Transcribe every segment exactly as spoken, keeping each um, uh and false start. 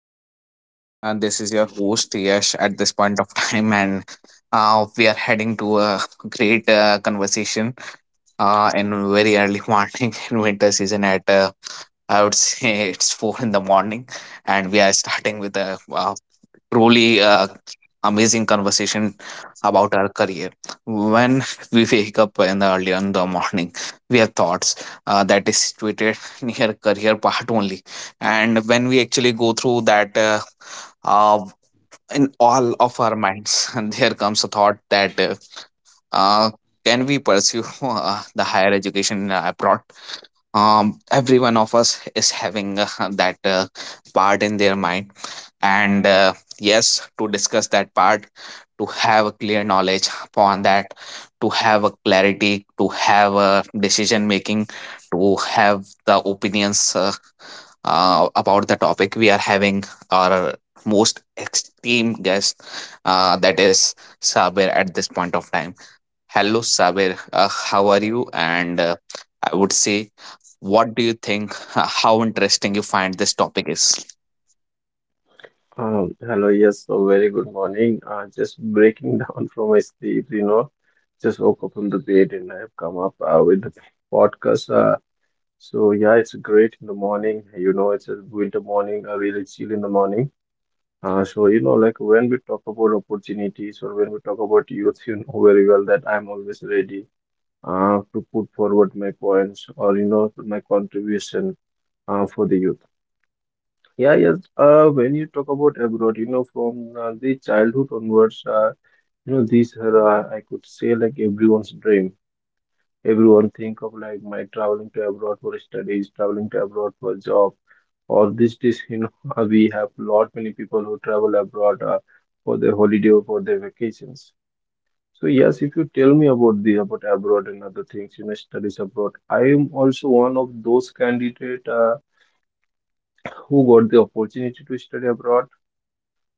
Everyone. Uh, this is your host Yash at this point of time, and uh, we are heading to a great uh, conversation uh, in very early morning in winter season. At uh, I would say it's four in the morning, and we are starting with a uh, truly uh, amazing conversation about our career. When we wake up in the early in the morning, we have thoughts uh, that is situated near career part only, and when we actually go through that. Uh, uh, in all of our minds, and there comes a thought that uh, uh, can we pursue uh, the higher education uh, abroad? Um every one of us is having uh, that uh, part in their mind and uh, yes, to discuss that part, to have a clear knowledge upon that, to have a clarity, to have a decision making, to have the opinions uh, uh, about the topic. We are having our most esteemed guest uh, that is Sabir at this point of time. Hello, Saber. Uh, how are you? And uh, I would say, what do you think? uh, How interesting you find this topic is? Um, hello, yes, so very good morning. Uh, just breaking down from my sleep, you know, just woke up from the bed and I've come up uh, with the podcast. Uh, so yeah, it's great in the morning. You know, it's a winter morning, uh, really chill in the morning. Uh, so you know, like when we talk about opportunities or when we talk about youth, you know very well that I'm always ready uh, to put forward my points or you know my contribution uh, for the youth. Yeah, yes. Uh, when you talk about abroad, you know, from uh, the childhood onwards, uh, you know, this are, uh, I could say, like everyone's dream. Everyone think of like my traveling to abroad for studies, traveling to abroad for job, or this, this, you know, uh, we have lot many people who travel abroad uh, for their holiday or for their vacations. So yes, if you tell me about the about abroad and other things, you know, studies abroad, I am also one of those candidate uh, who got the opportunity to study abroad.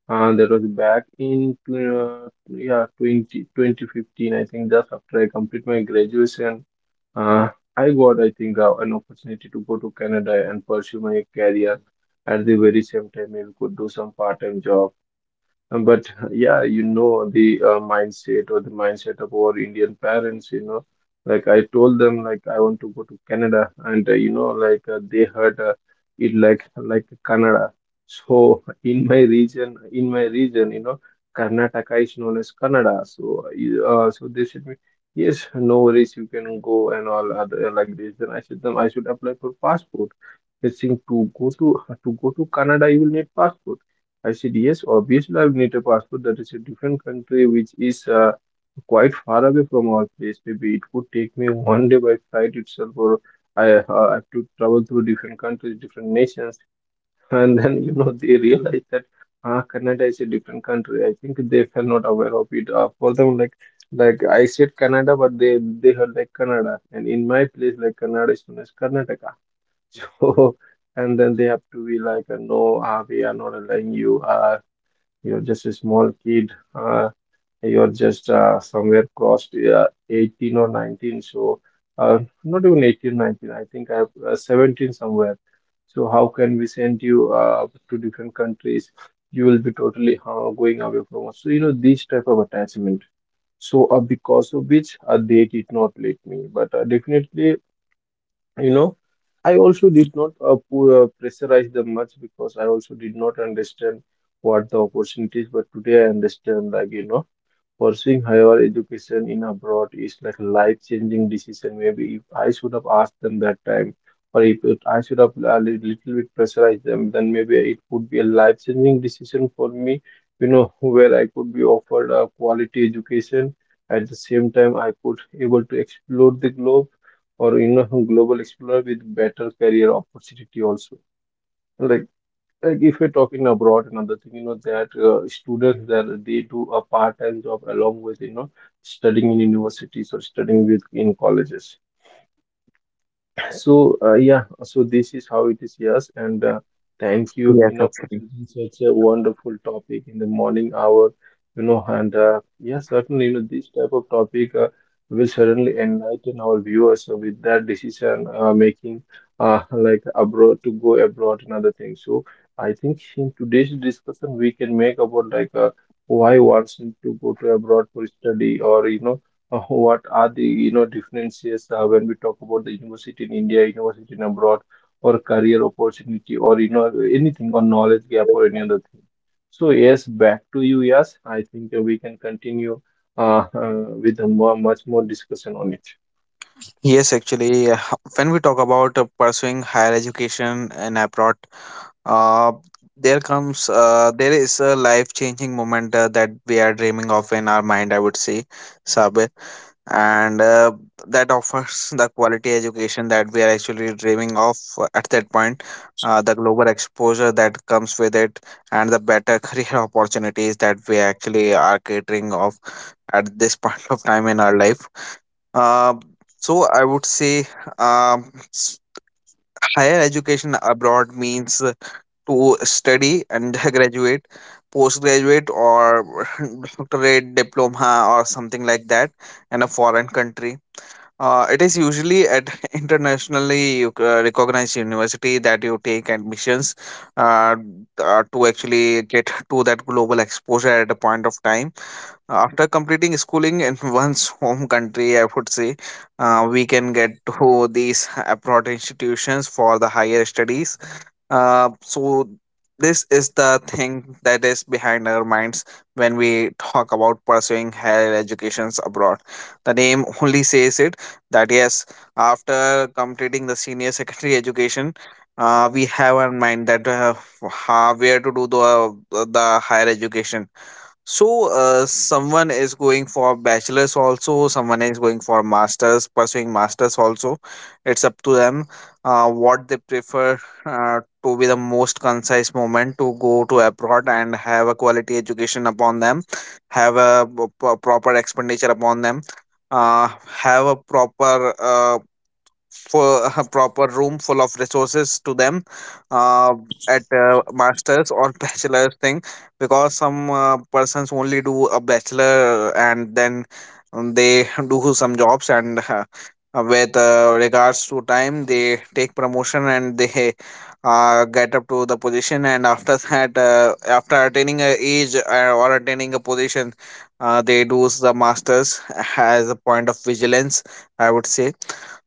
Uh, that was back in uh, yeah, twenty twenty fifteen. I think, just after I complete my graduation. Uh, I got, I think, uh, an opportunity to go to Canada and pursue my career. At the very same time, I could do some part-time job. Uh, But yeah, you know the uh, mindset or the mindset of our Indian parents, you know, like I told them like I want to go to Canada, and uh, you know like uh, they heard uh, it like like Canada. So in my region, in my region, you know, Karnataka is known as Kannada. So uh, you- uh, so they said me, yes, no worries, you can go and all other uh, like this. Then I said them I should apply for passport. They saying to go to to go to Canada, you will need passport. I said, yes, obviously I need a passport, that is a different country which is uh, quite far away from our place. Maybe it would take me one day by flight itself, or I uh, have to travel through different countries, different nations. And then, you know, they realize that uh, Canada is a different country. I think they were not aware of it. Uh, for them, like, like I said Canada, but they they heard like Canada, and in my place, like Canada is known as Karnataka. So, and then they have to be like, uh, no, uh, we are not allowing you. Uh, you're just a small kid. Uh, you're just uh, somewhere crossed uh, eighteen or nineteen. So, uh, not even eighteen, nineteen. I think I have uh, seventeen somewhere. So, how can we send you uh, to different countries? You will be totally uh, going away from us. So, you know, this type of attachment. So, uh, because of which uh, they did not let me. But uh, definitely, you know, I also did not uh, pu- uh, pressurize them much, because I also did not understand what the opportunities. But today I understand, like you know, pursuing higher education in abroad is like life-changing decision. Maybe if I should have asked them that time, or if it, I should have a li- little bit pressurized them, then maybe it would be a life-changing decision for me. You know, where I could be offered a quality education, at the same time I could able to explore the globe, or you know, global explorer with better career opportunity also. Like like if we're talking abroad, another thing, you know, that uh, students that they do a part-time job along with, you know, studying in universities or studying with in colleges. So uh, yeah, so this is how it is, yes, and uh, thank you, you Yes, know, for actually. choosing such a wonderful topic in the morning hour, you know, and uh, yeah, certainly, you know, this type of topic uh, will certainly enlighten our viewers uh, with their decision uh, making, uh, like abroad, to go abroad and other things. So I think in today's discussion we can make about like uh, why one should to go to abroad for study, or you know uh, what are the you know differences uh, when we talk about the university in India, university in abroad, or career opportunity, or you know anything on knowledge gap or any other thing. So yes, back to you. Yes, I think uh, we can continue uh, uh, with a more, much more discussion on it. Yes, actually, uh, when we talk about uh, pursuing higher education in abroad, uh, there comes uh, there is a life-changing moment uh, that we are dreaming of in our mind, I would say, Sabir. And uh, that offers the quality education that we are actually dreaming of at that point. Uh, the global exposure that comes with it and the better career opportunities that we actually are catering of at this point of time in our life. uh, so I would say, um, s- higher education abroad means to study and graduate, postgraduate or doctorate, diploma or something like that in a foreign country. Uh, it is usually at internationally uh, recognized university that you take admissions, uh, uh, to actually get to that global exposure at a point of time. After completing schooling in one's home country, I would say uh, we can get to these abroad institutions for the higher studies. Uh, so this is the thing that is behind our minds when we talk about pursuing higher educations abroad. The name only says it, that yes, after completing the senior secondary education, uh, we have in mind that uh, how, where to do the the higher education. So, uh, someone is going for bachelor's also, someone is going for master's, pursuing master's also. It's up to them uh, what they prefer uh, to be the most concise moment to go to abroad and have a quality education upon them, have a p- p- proper expenditure upon them, uh, have a proper uh, for a proper room full of resources to them uh, at uh, masters or bachelor's thing, because some uh, persons only do a bachelor, and then um, they do some jobs, and uh, with uh, regards to time they take promotion, and they uh, get up to the position, and after that uh, after attaining a age uh, or attaining a position uh, they do the masters as a point of vigilance, I would say.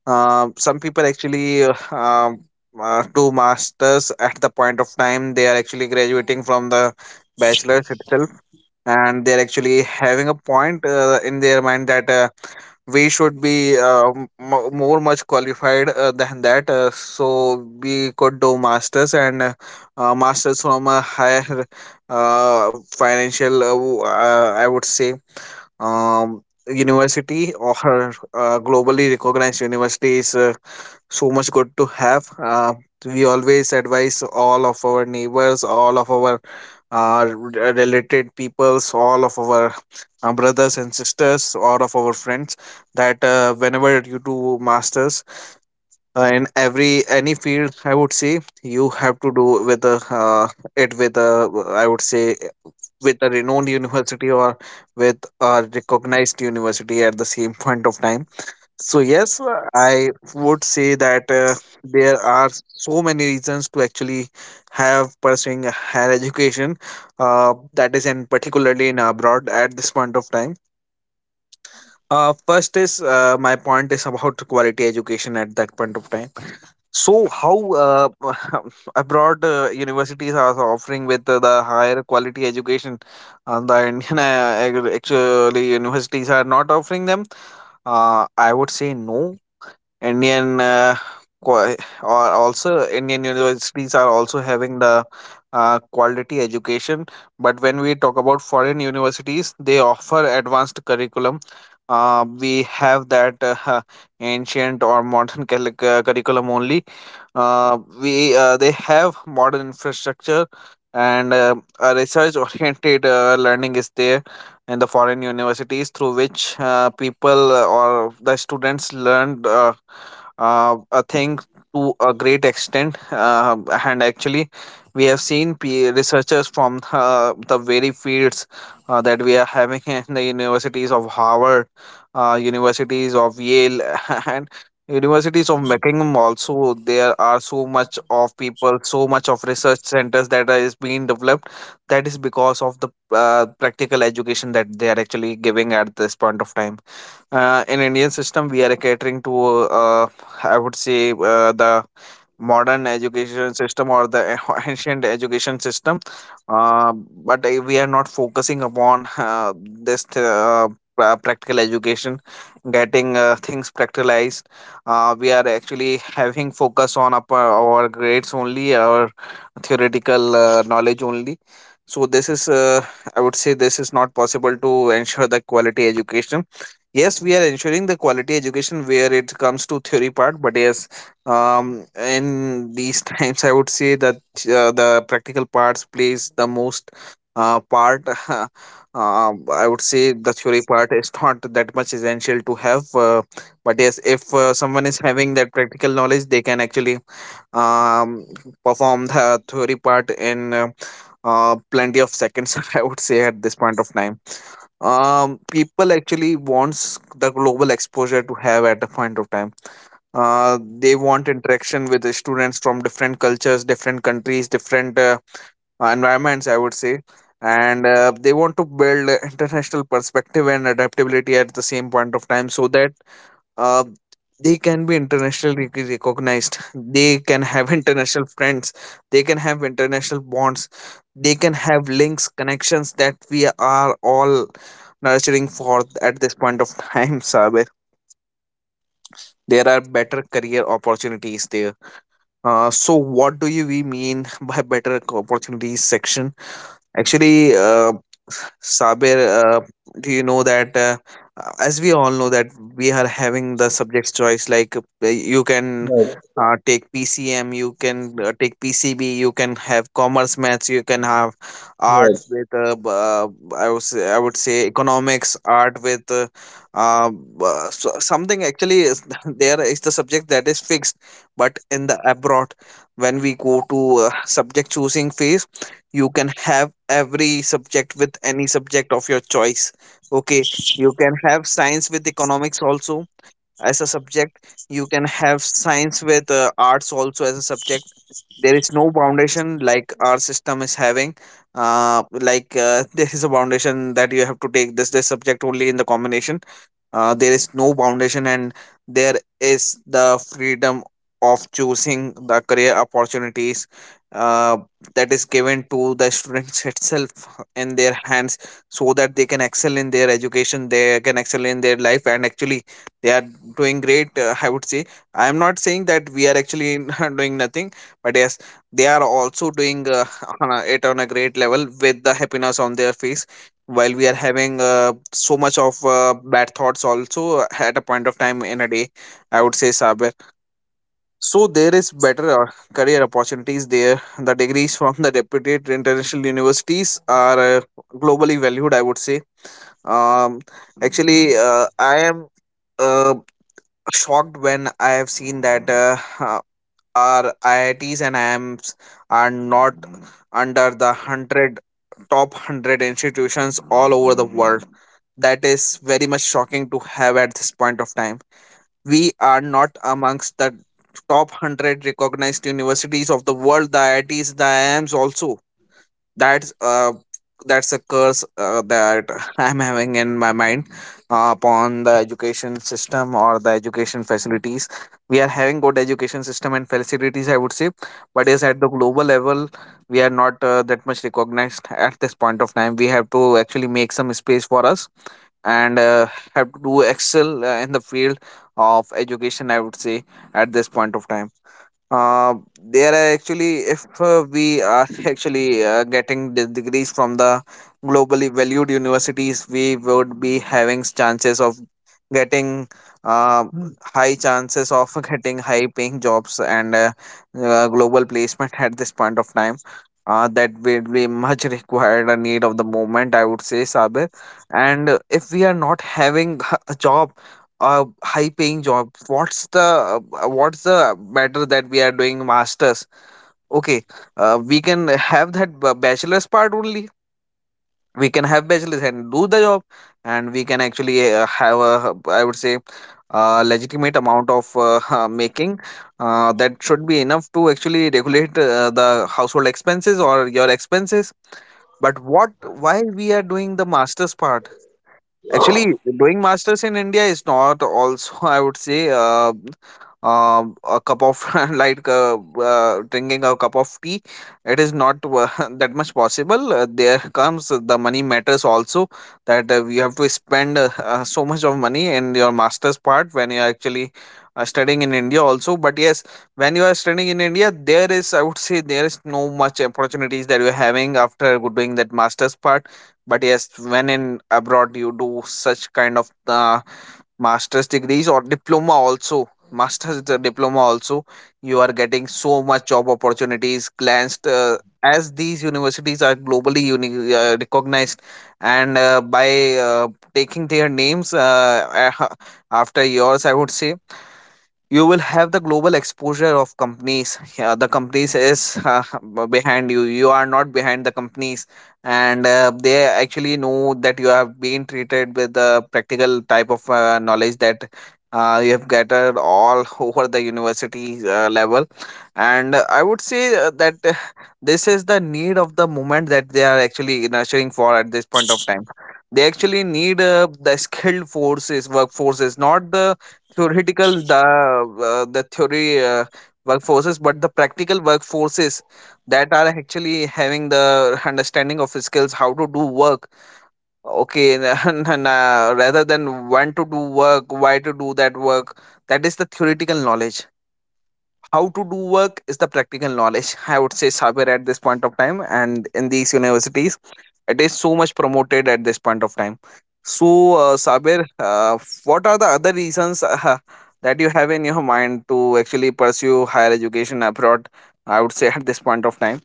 uh, Some people actually uh, um, uh, do masters at the point of time they are actually graduating from the bachelor's itself, and they're actually having a point uh, in their mind that uh, we should be uh, m- mo- more much qualified uh, than that, uh, so we could do masters, and uh, uh, masters from a higher uh, financial uh, w- uh, I would say um, university, or uh, globally recognized university is uh, so much good to have. Uh, we always advise all of our neighbors, all of our uh, r- related peoples, all of our uh, brothers and sisters, all of our friends, that uh, whenever you do masters uh, in every any field, I would say you have to do with a, uh, it with a, I would say, with a renowned university, or with a recognized university at the same point of time. So yes, I would say that uh, there are so many reasons to actually have pursuing a higher education uh, that is in particularly in abroad at this point of time. Uh, first is uh, my point is about quality education at that point of time. So how uh, abroad uh, universities are offering with uh, the higher quality education, uh, the Indian uh, ac- actually universities are not offering them. Uh, I would say no. Indian uh, qua- or also Indian universities are also having the uh, quality education. But when we talk about foreign universities, they offer advanced curriculum. Uh, we have that uh, ancient or modern cali- cu- curriculum only. Uh, we uh, they have modern infrastructure, and uh, a research-oriented uh, learning is there in the foreign universities, through which uh, people uh, or the students learn Uh, uh, a thing to a great extent. Uh, and actually, we have seen pe researchers from uh, the very fields uh, that we are having in the universities of Harvard, uh, universities of Yale, and universities of Buckingham also. There are so much of people, so much of research centers that are- is being developed. That is because of the uh, practical education that they are actually giving at this point of time. Uh, in Indian system we are catering to uh, I would say uh, the modern education system or the ancient education system, uh, but uh, we are not focusing upon uh, this uh, pra- practical education, getting uh, things practicalized. Uh, we are actually having focus on up, uh, our grades only, our theoretical uh, knowledge only. So this is uh, I would say this is not possible to ensure the quality education. Yes, we are ensuring the quality education where it comes to theory part, but yes, um in these times I would say that uh, the practical parts plays the most uh, part. uh, I would say the theory part is not that much essential to have, uh, but yes, if uh, someone is having that practical knowledge, they can actually um, perform the theory part in uh, uh, plenty of seconds, I would say at this point of time. Um, people actually wants the global exposure to have at a point of time. Uh, they want interaction with the students from different cultures, different countries, different uh, environments, I would say, and uh, they want to build a international perspective and adaptability at the same point of time, so that uh, they can be internationally rec- recognized, they can have international friends, they can have international bonds, they can have links, connections that we are all nurturing for at this point of time. Saber, there are better career opportunities there. Uh, so what do you we mean by better co- opportunities section? Actually uh, Sabir, uh, do you know that uh, as we all know that we are having the subjects choice, like uh, you can Yes, uh, take P C M, you can uh, take P C B, you can have commerce maths, you can have art yes. with uh, b- uh, I would say, I would say economics, art with uh, uh, b- uh, so- something actually is there is the subject that is fixed, but in the abroad when we go to uh, subject choosing phase, you can have every subject with any subject of your choice. Okay, you can have science with economics also as a subject, you can have science with uh, arts also as a subject. There is no foundation like our system is having, uh, like uh, there is a foundation that you have to take this this subject only in the combination. Uh, there is no foundation, and there is the freedom of choosing the career opportunities uh, that is given to the students itself in their hands, so that they can excel in their education, they can excel in their life, and actually they are doing great, uh, I would say. I am not saying that we are actually not doing nothing, but yes, they are also doing uh, on a- it on a great level with the happiness on their face, while we are having uh, so much of uh, bad thoughts also at a point of time in a day, I would say, Saber. So there is better uh, career opportunities there. The degrees from the reputed international universities are uh, globally valued, I would say. um, Actually uh, I am uh, shocked when I have seen that uh, uh, our I I Ts and I Ms are not under the hundred, top hundred institutions all over the world. That is very much shocking to have at this point of time. We are not amongst the top one hundred recognized universities of the world, the I I Ts, the I I Ms also. That's uh that's a curse uh, that I'm having in my mind uh, upon the education system or the education facilities. We are having good education system and facilities, I would say, but yes, at the global level we are not uh, that much recognized at this point of time. We have to actually make some space for us, and uh, have to do excel uh, in the field of education, I would say, at this point of time. uh, there are actually, if uh, we are actually uh, getting the degrees from the globally valued universities, we would be having chances of getting uh, Hmm. high chances of getting high paying jobs and uh, uh, global placement at this point of time. Uh, that will be much required a need of the moment, I would say, Sabir. And uh, if we are not having a job a high paying job, what's the uh, what's the matter that we are doing masters? Okay, uh, we can have that b- bachelor's part only. We can have bachelor's and do the job, and we can actually uh, have a, I would say, a legitimate amount of uh, making uh, that should be enough to actually regulate uh, the household expenses or your expenses. But what, why we are doing the masters part? Actually, doing masters in India is not also, I would say, uh, um a cup of like uh, uh, drinking a cup of tea. It is not uh, that much possible. Uh, there comes uh, the money matters also, that uh, you have to spend uh, uh, so much of money in your master's part when you are actually uh, studying in India also. But yes, when you are studying in India, there is, I would say, there is no much opportunities that you are having after doing that master's part. But yes, when in abroad you do such kind of uh, master's degrees or diploma also, master's the diploma also you are getting so much job opportunities glanced uh, as these universities are globally uni- uh, recognized. And uh, by uh, taking their names uh, after yours, I would say, you will have the global exposure of companies. Yeah, the companies is uh, behind you, you are not behind the companies. And uh, they actually know that you have been treated with the practical type of uh, knowledge that uh, you have gathered all over the university uh, level. And uh, i would say uh, that uh, this is the need of the moment that they are actually nurturing for at this point of time. They actually need uh, the skilled forces workforces, not the theoretical the uh, the theory uh, workforces, but the practical workforces, that are actually having the understanding of skills, how to do work. Okay, and, and, uh, rather than when to do work, why to do that work, that is the theoretical knowledge. How to do work is the practical knowledge, I would say, somewhere at this point of time, and in these universities it is so much promoted at this point of time. So uh, Sabir, uh, what are the other reasons uh, that you have in your mind to actually pursue higher education abroad, I would say, at this point of time?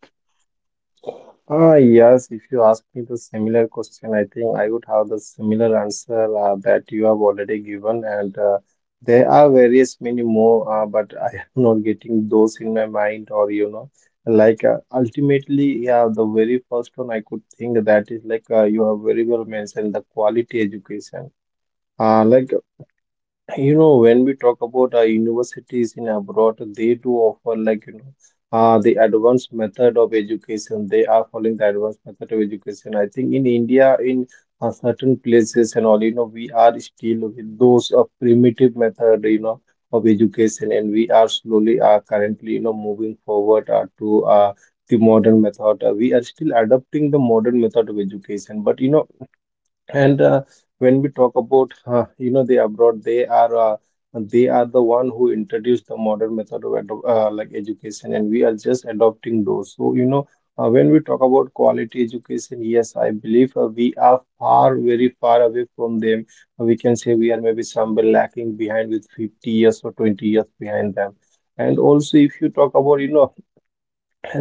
Ah, yes, if you ask me the similar question, I think I would have the similar answer uh, that you have already given, and uh, there are various many more, uh, but I am not getting those in my mind, or you know, like uh, ultimately, yeah, the very first one I could think that is like uh, you have very well mentioned the quality education. Uh, like you know, when we talk about our universities in abroad, they do offer like you know uh, the advanced method of education. They are following the advanced method of education. I think in India, in uh, certain places and all, you know, we are still with those uh, primitive method, you know, of education, and we are slowly are currently, you know, moving forward uh, to uh, the modern method. Uh, we are still adopting the modern method of education, but you know, and uh, when we talk about uh, you know the abroad, they are uh, they are the one who introduced the modern method of ado- uh, like education, and we are just adopting those. So you know uh, when we talk about quality education, yes, I believe uh, we are far very far away from them. We can say we are maybe somewhere lacking behind with fifty years or twenty years behind them. And also, if you talk about, you know,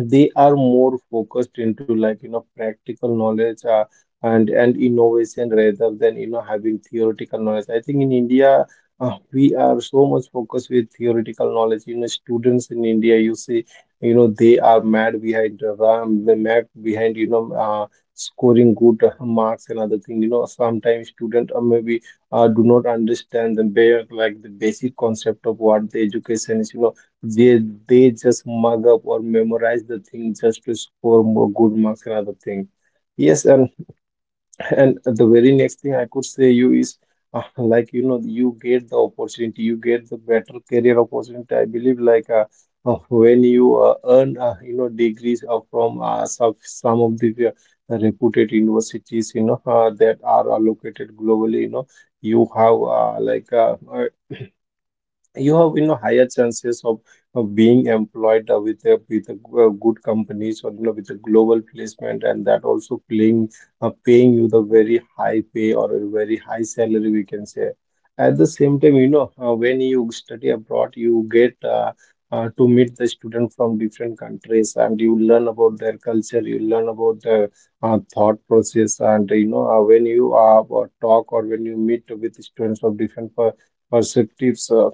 they are more focused into like you know practical knowledge uh, and and innovation, rather than you know having theoretical knowledge. I think in India, uh, we are so much focused with theoretical knowledge. You know, students in India, you see, you know, they are mad behind the ram, mad behind, you know, uh, scoring good uh, marks and other thing. You know, sometimes students uh, maybe uh, do not understand the bare, like the basic concept of what the education is. You know, they they just mug up or memorize the thing just to score more good marks and other thing. Yes, and and the very next thing I could say you is uh, like you know, you get the opportunity, you get the better career opportunity. I believe like uh, uh, when you uh, earn uh, you know degrees uh, from uh, some some of the uh, reputed universities, you know uh, that are allocated globally, you know you have uh, like uh, uh, you have you know higher chances of, of being employed uh, with a with a, g- uh, good companies, or you know with a global placement, and that also paying uh, paying you the very high pay or a very high salary, we can say. At the same time, you know uh, when you study abroad, you get uh, uh, to meet the student from different countries, and you learn about their culture, you learn about their uh, thought process. And you know uh, when you uh, talk, or when you meet with students of different per- perspectives, uh,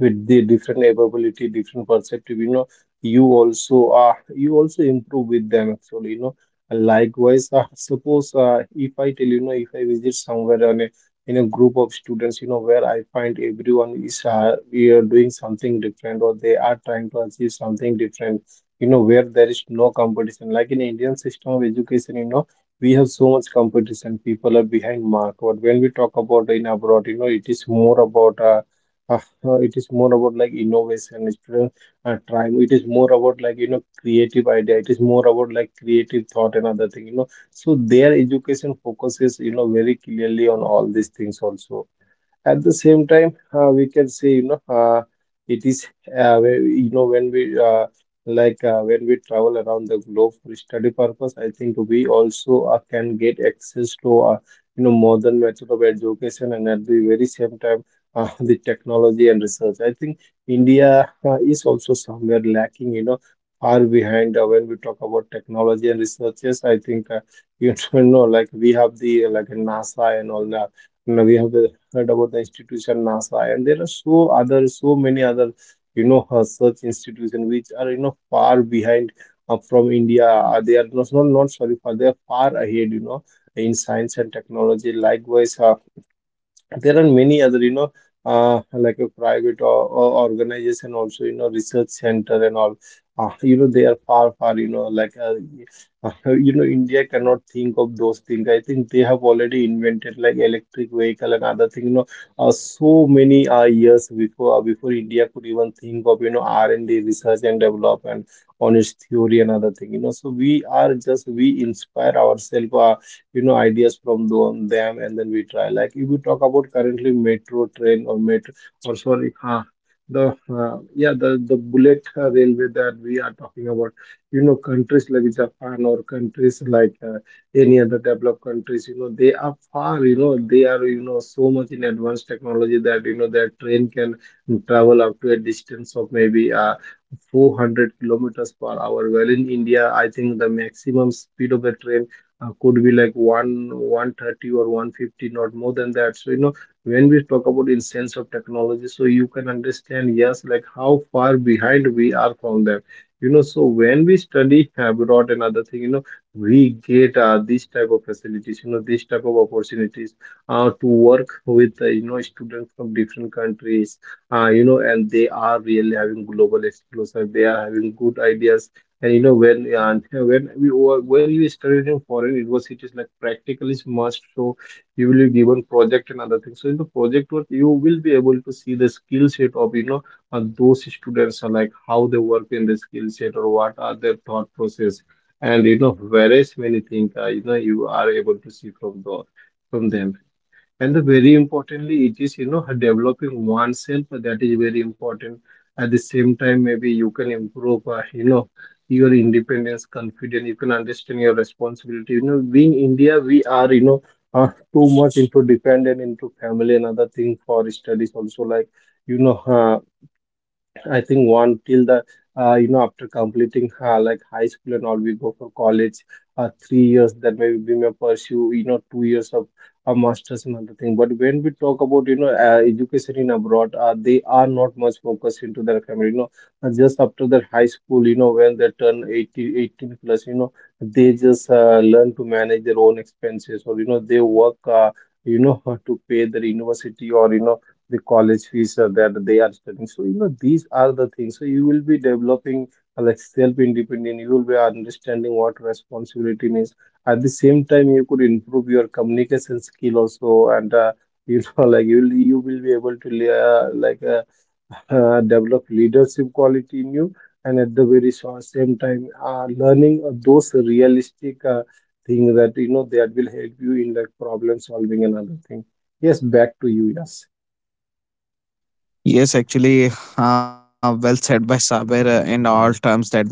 with the different ability, different perspective, you know, you also uh you also improve with them, actually, you know. And likewise uh, suppose uh, if I tell you, you know, if I visit somewhere on a in a group of students, you know, where I find everyone is uh, we are doing something different, or they are trying to achieve something different, you know, where there is no competition like in Indian system of education. You know, we have so much competition, people are behind mark, but when we talk about in abroad, you know, it is more about uh, uh, uh, it is more about like innovation. Students are trying, it is more about like you know creative idea, it is more about like creative thought and other thing, you know. So their education focuses, you know, very clearly on all these things also. At the same time, uh, we can say, you know, uh, it is uh, where- you know when we uh, like uh, when we travel around the globe for study purpose, I think we also uh, can get access to uh, you know modern method of education. And at the very same time, uh, the technology and research, I think India uh, is also somewhere lacking, you know, far behind uh, when we talk about technology and researches. I think uh, You know, like, we have the like NASA and all that, you we have the heard about the institution NASA, and there are so other, so many other, you know, uh, such institution which are you know far behind uh, from India. Uh, They are not not not sorry, far. They are far ahead, you know, in science and technology. Likewise. Uh, there are many other, you know uh, like a private, or, or organization, also you know research center and all. Uh, you know they are far far, you know like, uh, you know India cannot think of those things. I think they have already invented like electric vehicle and other thing, you know uh, so many uh, years before, uh, before India could even think of, you know R and D, research and development, on its theory and other thing. You know so we are just we inspire ourselves, uh, you know ideas from them, them, and then we try. Like, if we talk about currently, metro train or metro or, sorry, uh, the uh, yeah the the bullet uh, railway that we are talking about, you know countries like Japan, or countries like, uh, any other developed countries, you know they are far, you know they are, you know so much in advanced technology that, you know their train can travel up to a distance of maybe uh, four hundred kilometers per hour. Well, in India, I think the maximum speed of the train uh, could be like one 130 or one fifty, not more than that. So, you know when we talk about in sense of technology, so you can understand, yes, like how far behind we are from them. You know so when we study abroad and other thing, you know we get uh, this type of facilities, you know this type of opportunities uh, to work with, uh, you know students from different countries, uh, you know and they are really having global exposure, they are having good ideas. And you know when uh, when we were- when you studied in foreign universities, like, practical is must. So you will be given project and other things. So in the project work, you will be able to see the skill set of, you know uh, those students, are like how they work in the skill set, or what are their thought process, and, you know various many things, uh, you know you are able to see from the from them. And the very importantly, it is, you know developing oneself, that is very important. At the same time, maybe you can improve, uh, you know your independence, confidence. You can understand your responsibility. You know being India, we are, you know uh, too much into dependent into family and other thing. For studies also, like, you know uh, I think, one till the uh, you know after completing uh, like high school and all, we go for college, uh, three years. Then maybe we may pursue, you know two years of a master's and other thing. But when we talk about, you know uh, education in abroad, uh, they are not much focused into their family. You know Uh, just after their high school, you know when they turn eighteen, eighteen plus, you know they just uh, learn to manage their own expenses, or, you know they work, uh, you know to pay their university, or you know the college fees are that they are studying. So, you know, these are the things. So, you will be developing uh, like self independent. You will be understanding what responsibility means. At the same time, you could improve your communication skill also. And uh, you know, like, you will you will be able to lay, uh, like uh, uh, develop leadership quality in you. And at the very sa- same time, uh, learning uh, those realistic uh, things that, you know that will help you in like problem solving and other thing. Yes, back to you. Yes. Yes, actually, uh, well said by Saber uh, in all terms that we have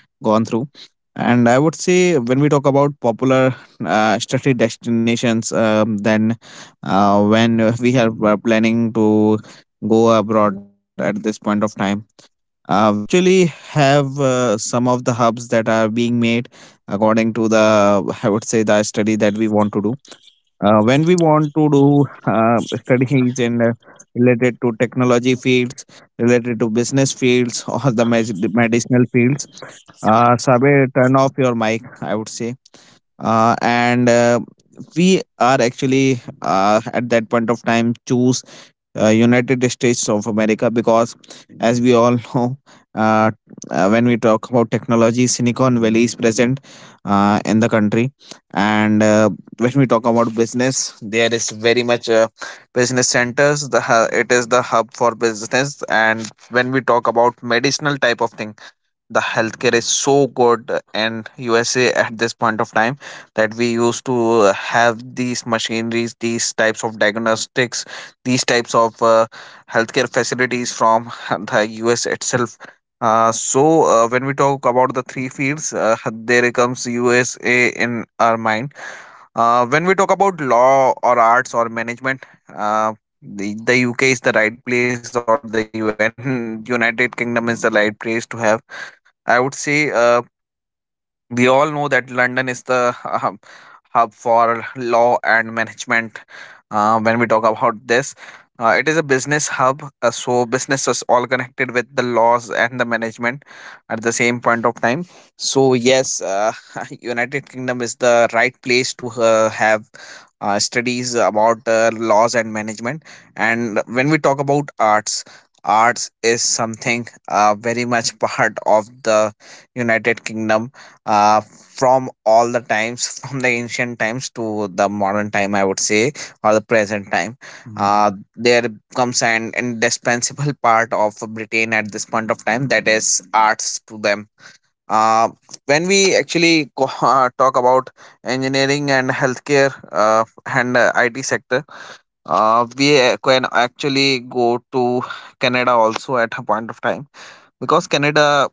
gone through. And I would say when we talk about popular uh, study destinations, um, then uh, when uh, we are uh, planning to go abroad at this point of time, uh, we actually have uh, some of the hubs that are being made according to the, I would say, the study that we want to do, uh, when we want to do uh, studies in uh, to technology fields, related to business fields or the med- medicinal fields. uh, Sabe, turn off your mic, I would say. Uh, and uh, We are actually uh, at that point of time choose uh, United States of America, because, as we all know, uh, uh, when we talk about technology, Silicon Valley is present uh, in the country, and uh, when we talk about business, there is very much uh, business centers. The hu- it is the hub for business, and when we talk about medicinal type of things, the healthcare is so good in U S A at this point of time, that we used to uh, have these machineries, these types of diagnostics, these types of uh, healthcare facilities from the U S itself. Uh, so uh, when we talk about the three fields, uh, there comes U S A in our mind. Uh, when we talk about law or arts or management, uh, the, the U K is the right place, or the U N United Kingdom is the right place to have. I would say uh, we all know that London is the hub hub for law and management. Uh, when we talk about this, uh, it is a business hub, uh, so businesses all connected with the laws and the management at the same point of time. So yes, uh, United Kingdom is the right place to uh, have uh, studies about uh, laws and management. And when we talk about arts, arts is something uh, very much part of the United Kingdom uh, from all the times, from the ancient times to the modern time, I would say, or the present time. Mhm. Uh, there comes an indispensable part of Britain at this point of time, that is arts to them. Uh, when we actually co- uh, talk about engineering and healthcare uh, and uh, I T sector, uh, we uh, can actually go to Canada also at a point of time, because Canada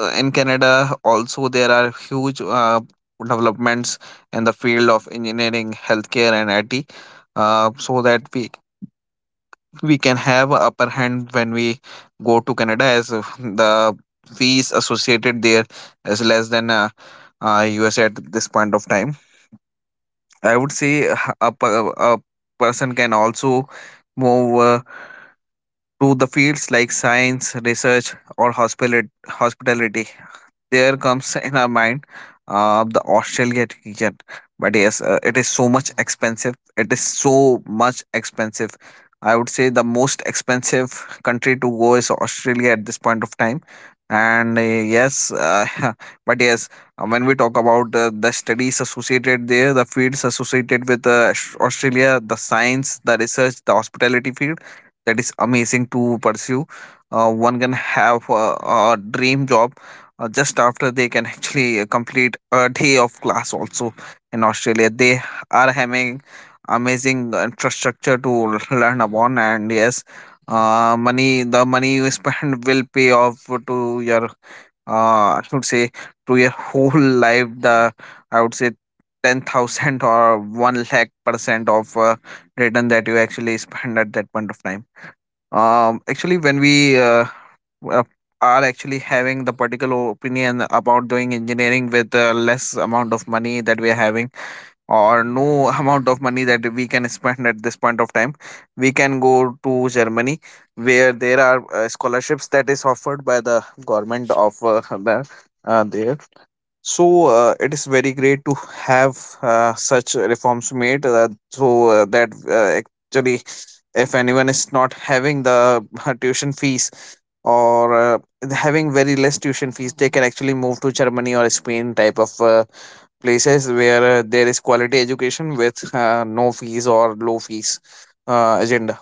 uh, in Canada also there are huge uh, developments in the field of engineering, healthcare, and I T, uh, so that we we can have a upper hand when we go to Canada, as uh, the fees associated there is less than uh, uh, U S at this point of time. I would say uh, a, per- a person can also move uh, to the fields like science, research, or hospital- hospitality. There comes in our mind uh, the Australia ticket. But yes, uh, it is so much expensive. It is so much expensive. I would say the most expensive country to go is Australia at this point of time. And uh, yes, uh, but yes, uh, when we talk about uh, the studies associated there, the fields associated with uh, Aus- Australia, the science, the research, the hospitality field, that is amazing to pursue. Uh, one can have a, a dream job uh, just after they can actually uh, complete a day of class also in Australia. They are having amazing infrastructure to learn upon, and yes, uh, money the money you spend will pay off to your, uh, I would say, to your whole life, the, I would say, ten thousand or one lakh percent of uh, return that you actually spend at that point of time. um actually, when we uh, uh, are actually having the particular opinion about doing engineering with uh, less amount of money that we are having, or no amount of money that we can spend at this point of time, we can go to Germany, where there are uh, scholarships that is offered by the government of uh, the, uh, there so uh, it is very great to have uh, such reforms made. Uh, so uh, that uh, actually, if anyone is not having the uh, tuition fees, or uh, having very less tuition fees, they can actually move to Germany or Spain type of uh, places, where uh, there is quality education with uh, no fees or low fees uh, agenda.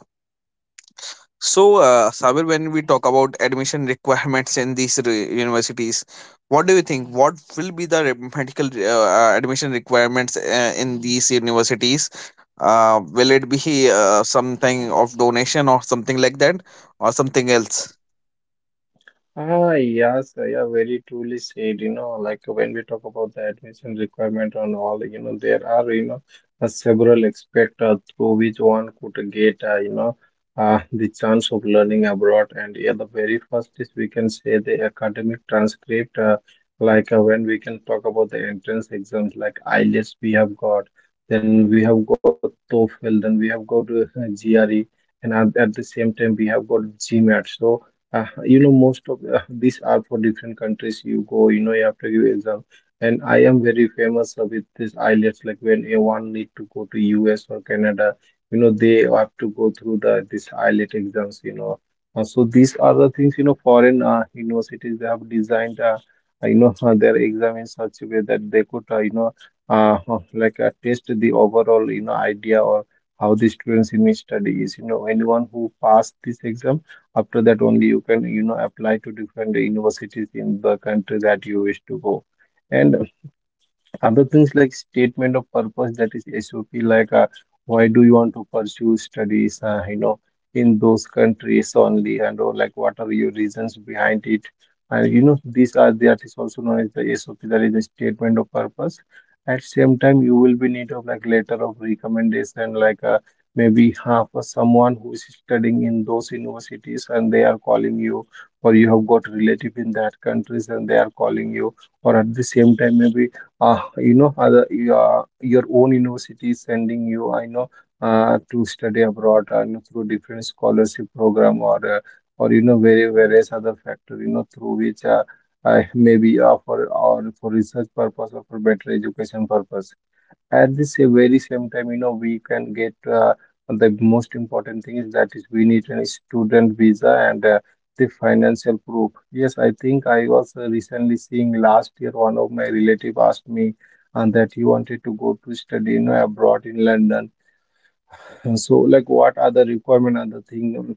So, uh, Sabir, when we talk about admission requirements in these re- universities, what do you think? What will be the re- medical uh, uh, admission requirements uh, in these universities? Uh, will it be uh, something of donation or something like that, or something else? Ah, yes, yeah, very truly said. You know, like, when we talk about the admission requirement and all, you know, there are, you know, uh, several aspects uh, through which one could get, uh, you know, uh, the chance of learning abroad. And yeah, the very first is, we can say, the academic transcript. Uh, like uh, when we can talk about the entrance exams, like IELTS we have got, then we have got TOEFL, then we have got uh, G R E, and, at, at the same time, we have got GMAT. So, uh, you know, most of uh, these are for different countries. You go, you know, you have to give exam. And I am very famous uh, with this IELTS. Like, when a one need to go to U S or Canada, you know, they have to go through the this IELTS exams. You know, Uh, so these are the things. You know, foreign uh, universities, they have designed, uh, uh, you know, uh, their exam in such a way that they could, uh, you know, uh, uh, like uh, test the overall, you know, idea, or how the students in each study is. You know, anyone who passed this exam, after that only you can, you know, apply to different universities in the country that you wish to go. And other things like statement of purpose, that is S O P. Like, uh, why do you want to pursue studies, uh, you know, in those countries only, and, or like, what are your reasons behind it. And, you know, these are, that is also known as the S O P, that is the statement of purpose. At same time, you will be need of like letter of recommendation. Like, uh, maybe half, uh, someone who is studying in those universities, and they are calling you, or you have got relative in that countries, and they are calling you, or at the same time, maybe, uh, you know other, uh, your own university is sending you, I know, uh, to study abroad, uh, you know, through different scholarship program, or uh, or, you know very various other factor, you know through which, uh, uh, maybe uh, for or for research purpose, or for better education purpose. At this same very same time, you know, we can get uh, the most important thing, is, that is, we need a student visa, and uh, the financial proof. Yes, I think I was uh, recently seeing, last year one of my relative asked me, and that he wanted to go to study, you know, abroad in London. And so, like, what are the requirement and the thing?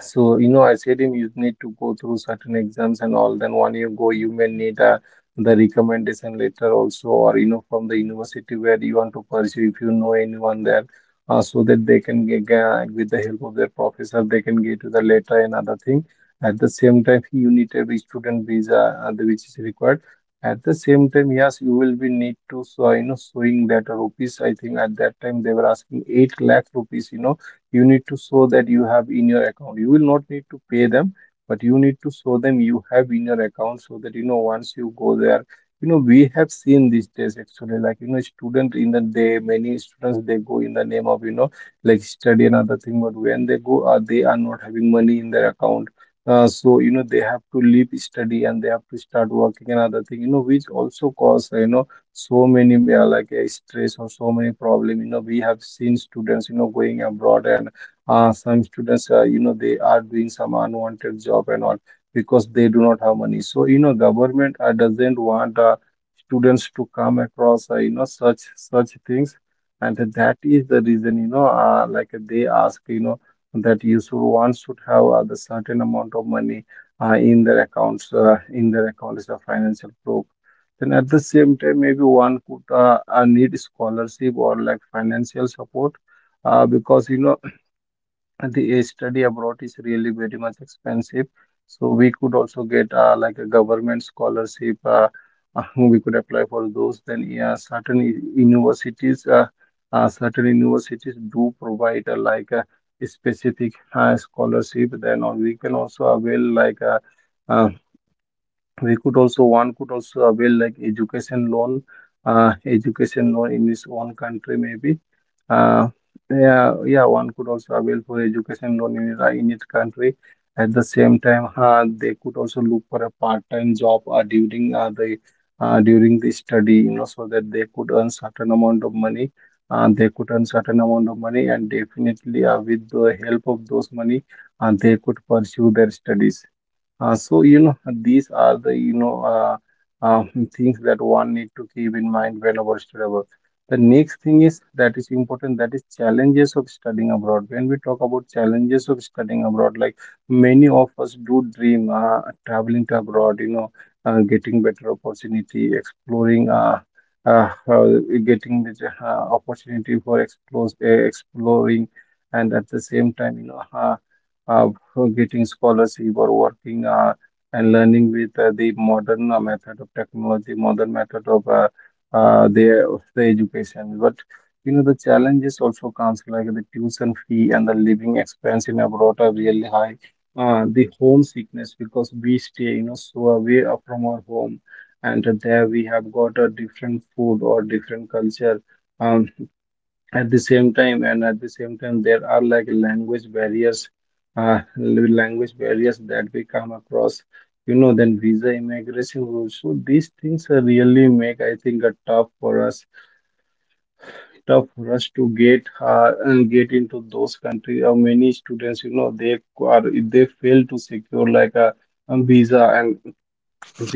So, you know, I said him, you need to go through certain exams and all. Then one year go, you may need uh, the recommendation letter also, or, you know, from the university where you want to pursue, if you know anyone there, uh, so that they can get, uh, with the help of their professor, they can get to the letter and other thing. At the same time, you need every student visa, uh, the- which is required. At the same time, yes, you will be need to, so you know showing that rupees. I think at that time, they were asking eight lakh rupees. You know you need to show that you have in your account. You will not need to pay them, but you need to show them you have in your account, so that, you know once you go there, you know we have seen these days, actually, like you know student in the day, many students, they go in the name of, you know like study and other thing, but when they go, uh, they are not having money in their account. Uh, so, you know they have to leave study and they have to start working, and other thing, you know which also cause, uh, you know so many, uh, like uh, stress, or so many problem. You know we have seen students, you know going abroad, and uh, some students, uh, you know they are doing some unwanted job and all, because they do not have money. So, you know government uh, doesn't want uh, students to come across, uh, you know such such things. And that is the reason, you know uh, like, they ask, you know that you should one should have uh, the certain amount of money uh, in their accounts uh, in their accounts, a financial pro. Then at the same time, maybe one could, uh, uh, need scholarship or like financial support, uh, because, you know the study abroad is really very much expensive. So we could also get uh, like a government scholarship. Uh, uh, we could apply for those. Then yeah, certain u- universities, uh, uh, certain universities do provide uh, like a specific uh, scholarship. Then or we can also avail like a we could also one could also avail like education loan uh, education loan in his own country maybe uh, yeah yeah one could also avail for education loan in, his- in his country at the same time, uh, they could also look for a part-time job uh, during uh, the uh, during the study, you know so that they could earn certain amount of money. Uh, they could earn certain amount of money, and definitely, uh, with the help of those money, uh, they could pursue their studies. Uh, so you know these are the you know uh, uh, Things that one need to keep in mind whenever study abroad. The next thing is that is important, that is challenges of studying abroad. When we talk about challenges of studying abroad, like, many of us do dream uh, traveling to abroad, you know, uh, getting better opportunity, exploring. Uh, uh, uh, getting the uh, opportunity for explore, uh, exploring, and at the same time, you know uh, uh, for getting scholarship or working, uh, and learning with uh, the modern uh, method of technology, modern method of uh, uh, the, of the education. But you know the challenges also comes, like the tuition fee and the living expense in abroad are really high. Uh, the homesickness, because we stay, you know, so away uh, from our home, and there we have got a different food or different culture. Um, at the same time and at the same time there are like language barriers, uh, language barriers that we come across, you know. Then visa immigration rules, so these things uh, really make, I think, it tough for us, tough for us to get uh, and get into those countries. Uh, many students, you know, they are they fail to secure like a, a visa and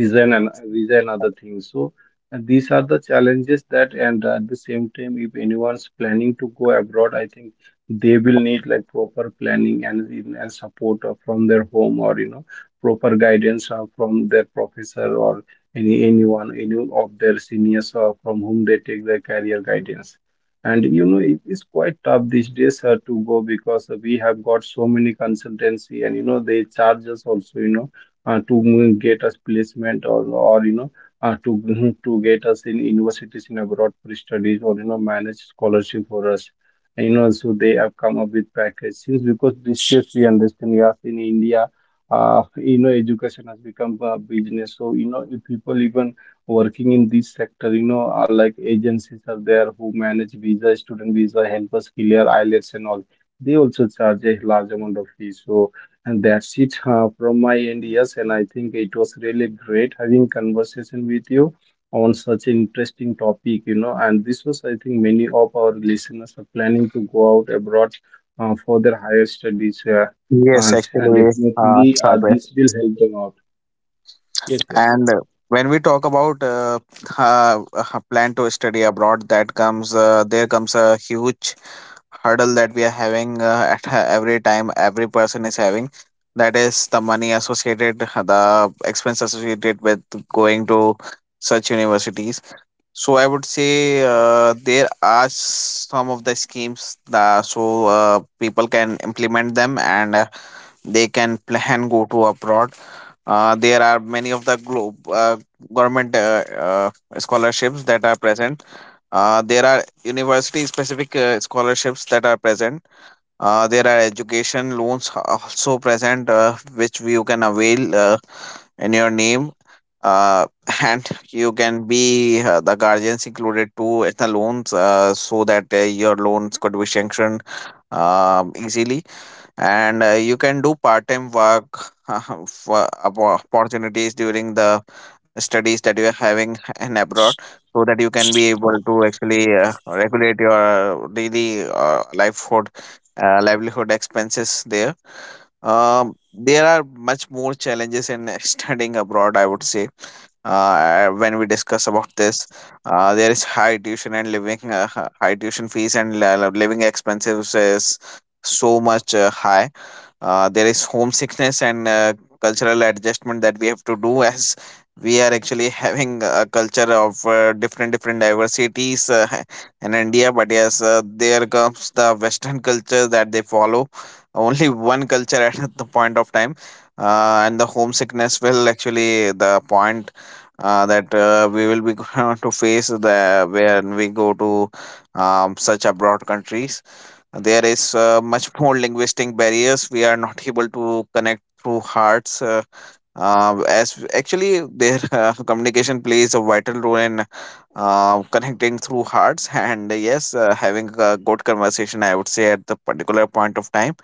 vision and visa and other things. So uh, these are the challenges. That, and at the same time, if anyone's planning to go abroad, I think they will need like proper planning and, and support uh, from their home, or, you know, proper guidance uh, from their professor or any anyone any of their seniors uh, from whom they take their career guidance. And you know it is quite tough these days uh, to go, because uh, we have got so many consultancy, and you know they charge us also, you know, uh, to mm, get us placement, or, or, you know, uh, to to get us in universities in abroad for studies, or, you know, manage scholarship for us. And, you know so they have come up with package since, because this case we understand, yes, in India, uh, you know, education has become a business. So, you know, if people even working in this sector, you know, are like, agencies are there who manage visa, student visa, help us clear I E L T S and all. They also charge a large amount of fees. So, and that's it, uh, from my end. Yes. And I think it was really great having conversation with you on such an interesting topic, you know. And this was, I think, many of our listeners are planning to go out abroad uh, for their higher studies, uh, Yes, and, and actually, uh, definitely uh, Shravan, this will help them out. Yes, yes. and uh, when we talk about uh, uh, uh, plan to study abroad, that comes uh, there comes a huge hurdle that we are having uh, at uh, every time, every person is having. That is the money associated, uh, the expense associated with going to such universities. So I would say uh, there are some of the schemes that so uh, people can implement them and uh, they can plan go to abroad. Uh, there are many of the globe uh, government uh, uh, scholarships that are present. Uh, there are university specific uh, scholarships that are present. Uh, there are education loans a- also present, uh, which you can avail uh, in your name, uh, and you can be, uh, the guardians included too in the loans, uh, so that uh, your loans could be sanctioned um, easily, and uh, you can do part-time work for oppo- opportunities during the studies that you are having in abroad, so that you can be able to actually uh, regulate your daily uh, livelihood uh, livelihood expenses there. Um, there are much more challenges in studying abroad, I would say, uh, when we discuss about this. Uh, there is high tuition and living uh, high tuition fees and li- living expenses is so much uh, high. Uh, there is homesickness and uh, cultural adjustment that we have to do as we are actually having a culture of uh, different different diversities, uh, in India. But yes, uh, there comes the western culture that they follow only one culture at the point of time. Uh, and the homesickness will actually the point, uh, that uh, we will be going to face the when we go to um, such abroad countries. There is uh, much more linguistic barriers. We are not able to connect through hearts. Uh, uh, as actually, their uh, communication plays a vital role in uh, connecting through hearts. And yes, uh, having a good conversation, I would say, at the particular point of time.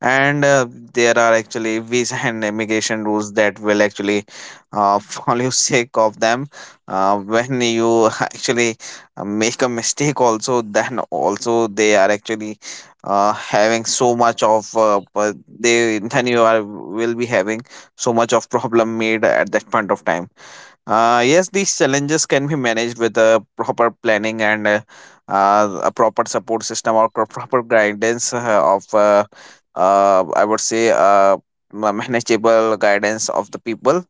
And uh, there are actually visa and immigration rules that will actually uh, follow sake of them, uh, when you actually uh, make a mistake also, then also they are actually uh, having so much of uh, but they then you are will be having so much of problem made at that point of time. Uh, yes, these challenges can be managed with a proper planning and uh, uh, a proper support system or pro- proper guidance uh, of, uh, uh, I would say, uh, ma- manageable guidance of the people.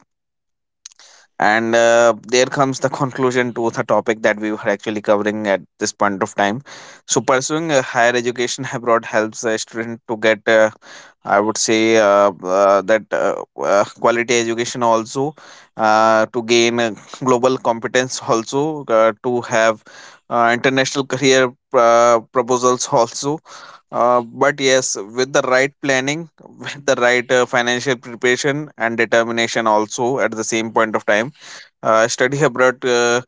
And uh, there comes the conclusion to the topic that we were actually covering at this point of time. So, pursuing a higher education abroad helps a student to get, uh, I would say, uh, uh, that uh, uh, quality education also, uh, to gain uh, global competence also, uh, to have uh, international career uh, proposals also. Uh, but yes, with the right planning, with the right uh, financial preparation and determination also at the same point of time, uh, study abroad uh,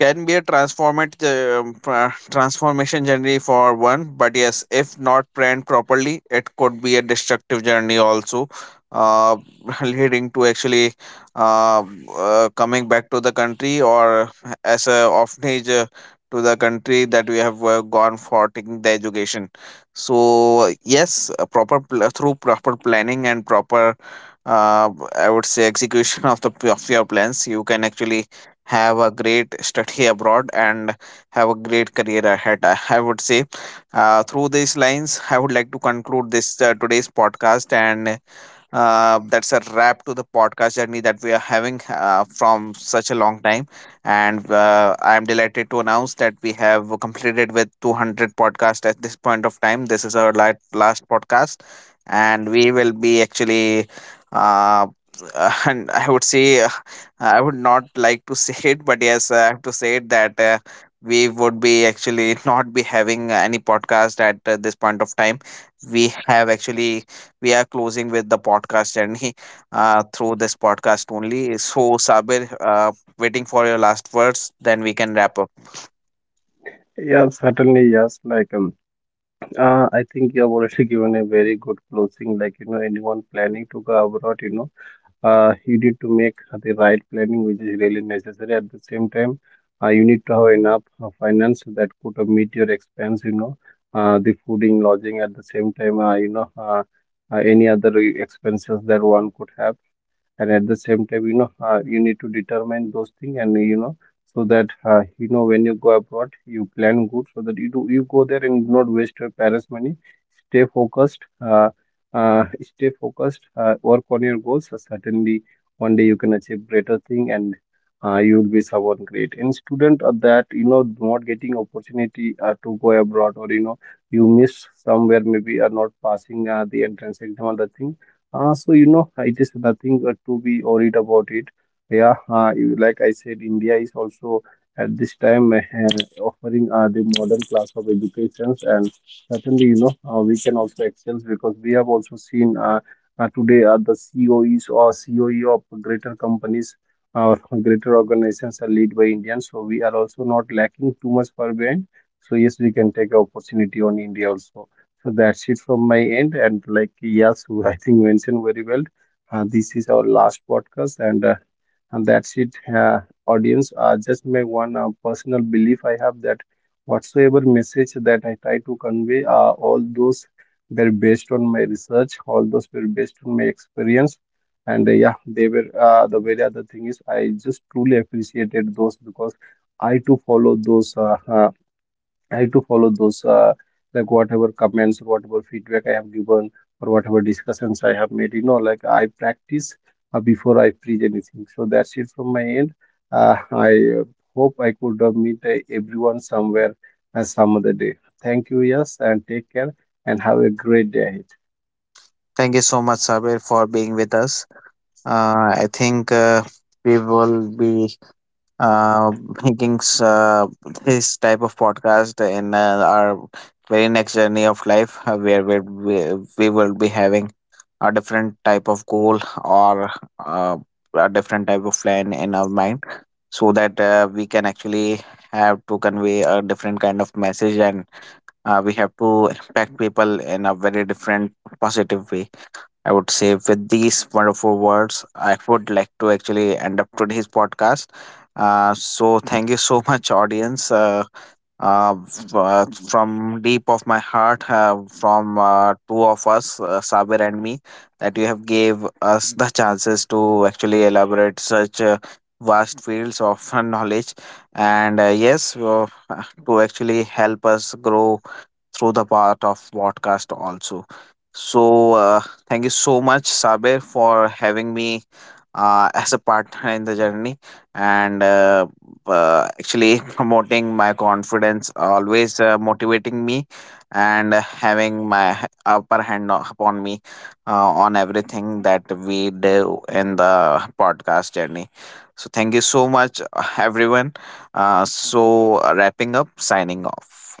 can be a transformative um, tra- transformation journey for one. But yes, if not planned properly, it could be a destructive journey also, uh, leading to actually uh, uh, coming back to the country or as a orphanage uh, to the country that we have uh, gone for taking the education. So yes, a proper pl- through proper planning and proper uh, I would say execution of the of your plans. You can actually have a great study abroad and have a great career ahead, i I would say. Uh, through these lines I would like to conclude this uh, today's podcast, and uh, that's a wrap to the podcast journey that we are having uh, from such a long time. And uh, I'm delighted to announce that we have completed with two hundred podcasts at this point of time. This is our la- last podcast, and we will be actually. Uh, and I would say, uh, I would not like to say it, but yes, I have to say it that uh, we would be actually not be having any podcast at uh, this point of time. We have actually we are closing with the podcast journey uh, through this podcast only. So, Sabir, uh, waiting for your last words, then we can wrap up. Yeah, certainly, yes. Like, um, uh, I think you have already given a very good closing. Like, you know, anyone planning to go abroad, you know, uh, you need to make the right planning, which is really necessary. At the same time, uh, you need to have enough uh, finance that could uh, meet your expense, you know, uh, the fooding, lodging, at the same time, uh, you know, uh, uh, any other e- expenses that one could have. And at the same time, you know, uh, you need to determine those things, and you know, so that, uh, you know, when you go abroad, you plan good, so that you do you go there and do not waste your parents money. Stay focused. uh, uh, Stay focused, uh, work on your goals. So certainly one day you can achieve greater thing, and uh, you will be someone great. And student of that, you know, not getting opportunity uh, to go abroad, or, you know, you miss somewhere, maybe are not passing uh, the entrance exam or the thing. Uh, so, you know, it is nothing uh, to be worried about it. Yeah, uh, you- like I said, India is also at this time uh, uh, offering uh, the modern class of educations. And certainly, you know, uh, we can also excel, because we have also seen, uh, uh, today, uh, the C O Es or C O E of greater companies or greater organizations are led by Indians. So we are also not lacking too much far behind. So yes, we can take opportunity on India also. So that's it from my end. And like Yasu, I think mentioned very well. Uh, this is our last podcast, and uh, and that's it. Uh, audience, uh, just my one uh, personal belief I have, that whatsoever message that I try to convey, uh, all those were based on my research. All those were based on my experience, and uh, yeah, they were. Uh, the very other thing is, I just truly appreciated those, because I too follow those. Uh, uh, I like to follow those, uh, like whatever comments, or whatever feedback I have given, or whatever discussions I have made. You know, like I practice uh, before I preach anything. So that's it from my end. Uh, I uh, Hope I could uh, meet uh, everyone somewhere uh, some other day. Thank you, yes, and take care, and have a great day ahead. Thank you so much, Sabir, for being with us. Uh, I think uh, we will be uh, making s- uh, this type of podcast in uh, our very next journey of life, uh, where we, we we will be having a different type of goal or uh, a different type of plan in our mind, so that uh, we can actually have to convey a different kind of message, and uh, we have to impact people in a very different positive way. I would say with these wonderful words I would like to actually end up today's podcast. Uh, so thank you so much, audience, uh, uh, f- uh, from deep of my heart, uh, from uh, two of us, uh, Sabir and me, that you have gave us the chances to actually elaborate such uh, vast fields of uh, knowledge, and uh, yes, uh, to actually help us grow through the part of podcast also. So uh, thank you so much, Saber, for having me uh, as a partner in the journey, and uh, uh, actually promoting my confidence, always uh, motivating me, and uh, having my upper hand o- upon me, uh, on everything that we do in the podcast journey. So thank you so much, uh, everyone. Uh, so uh, wrapping up, signing off.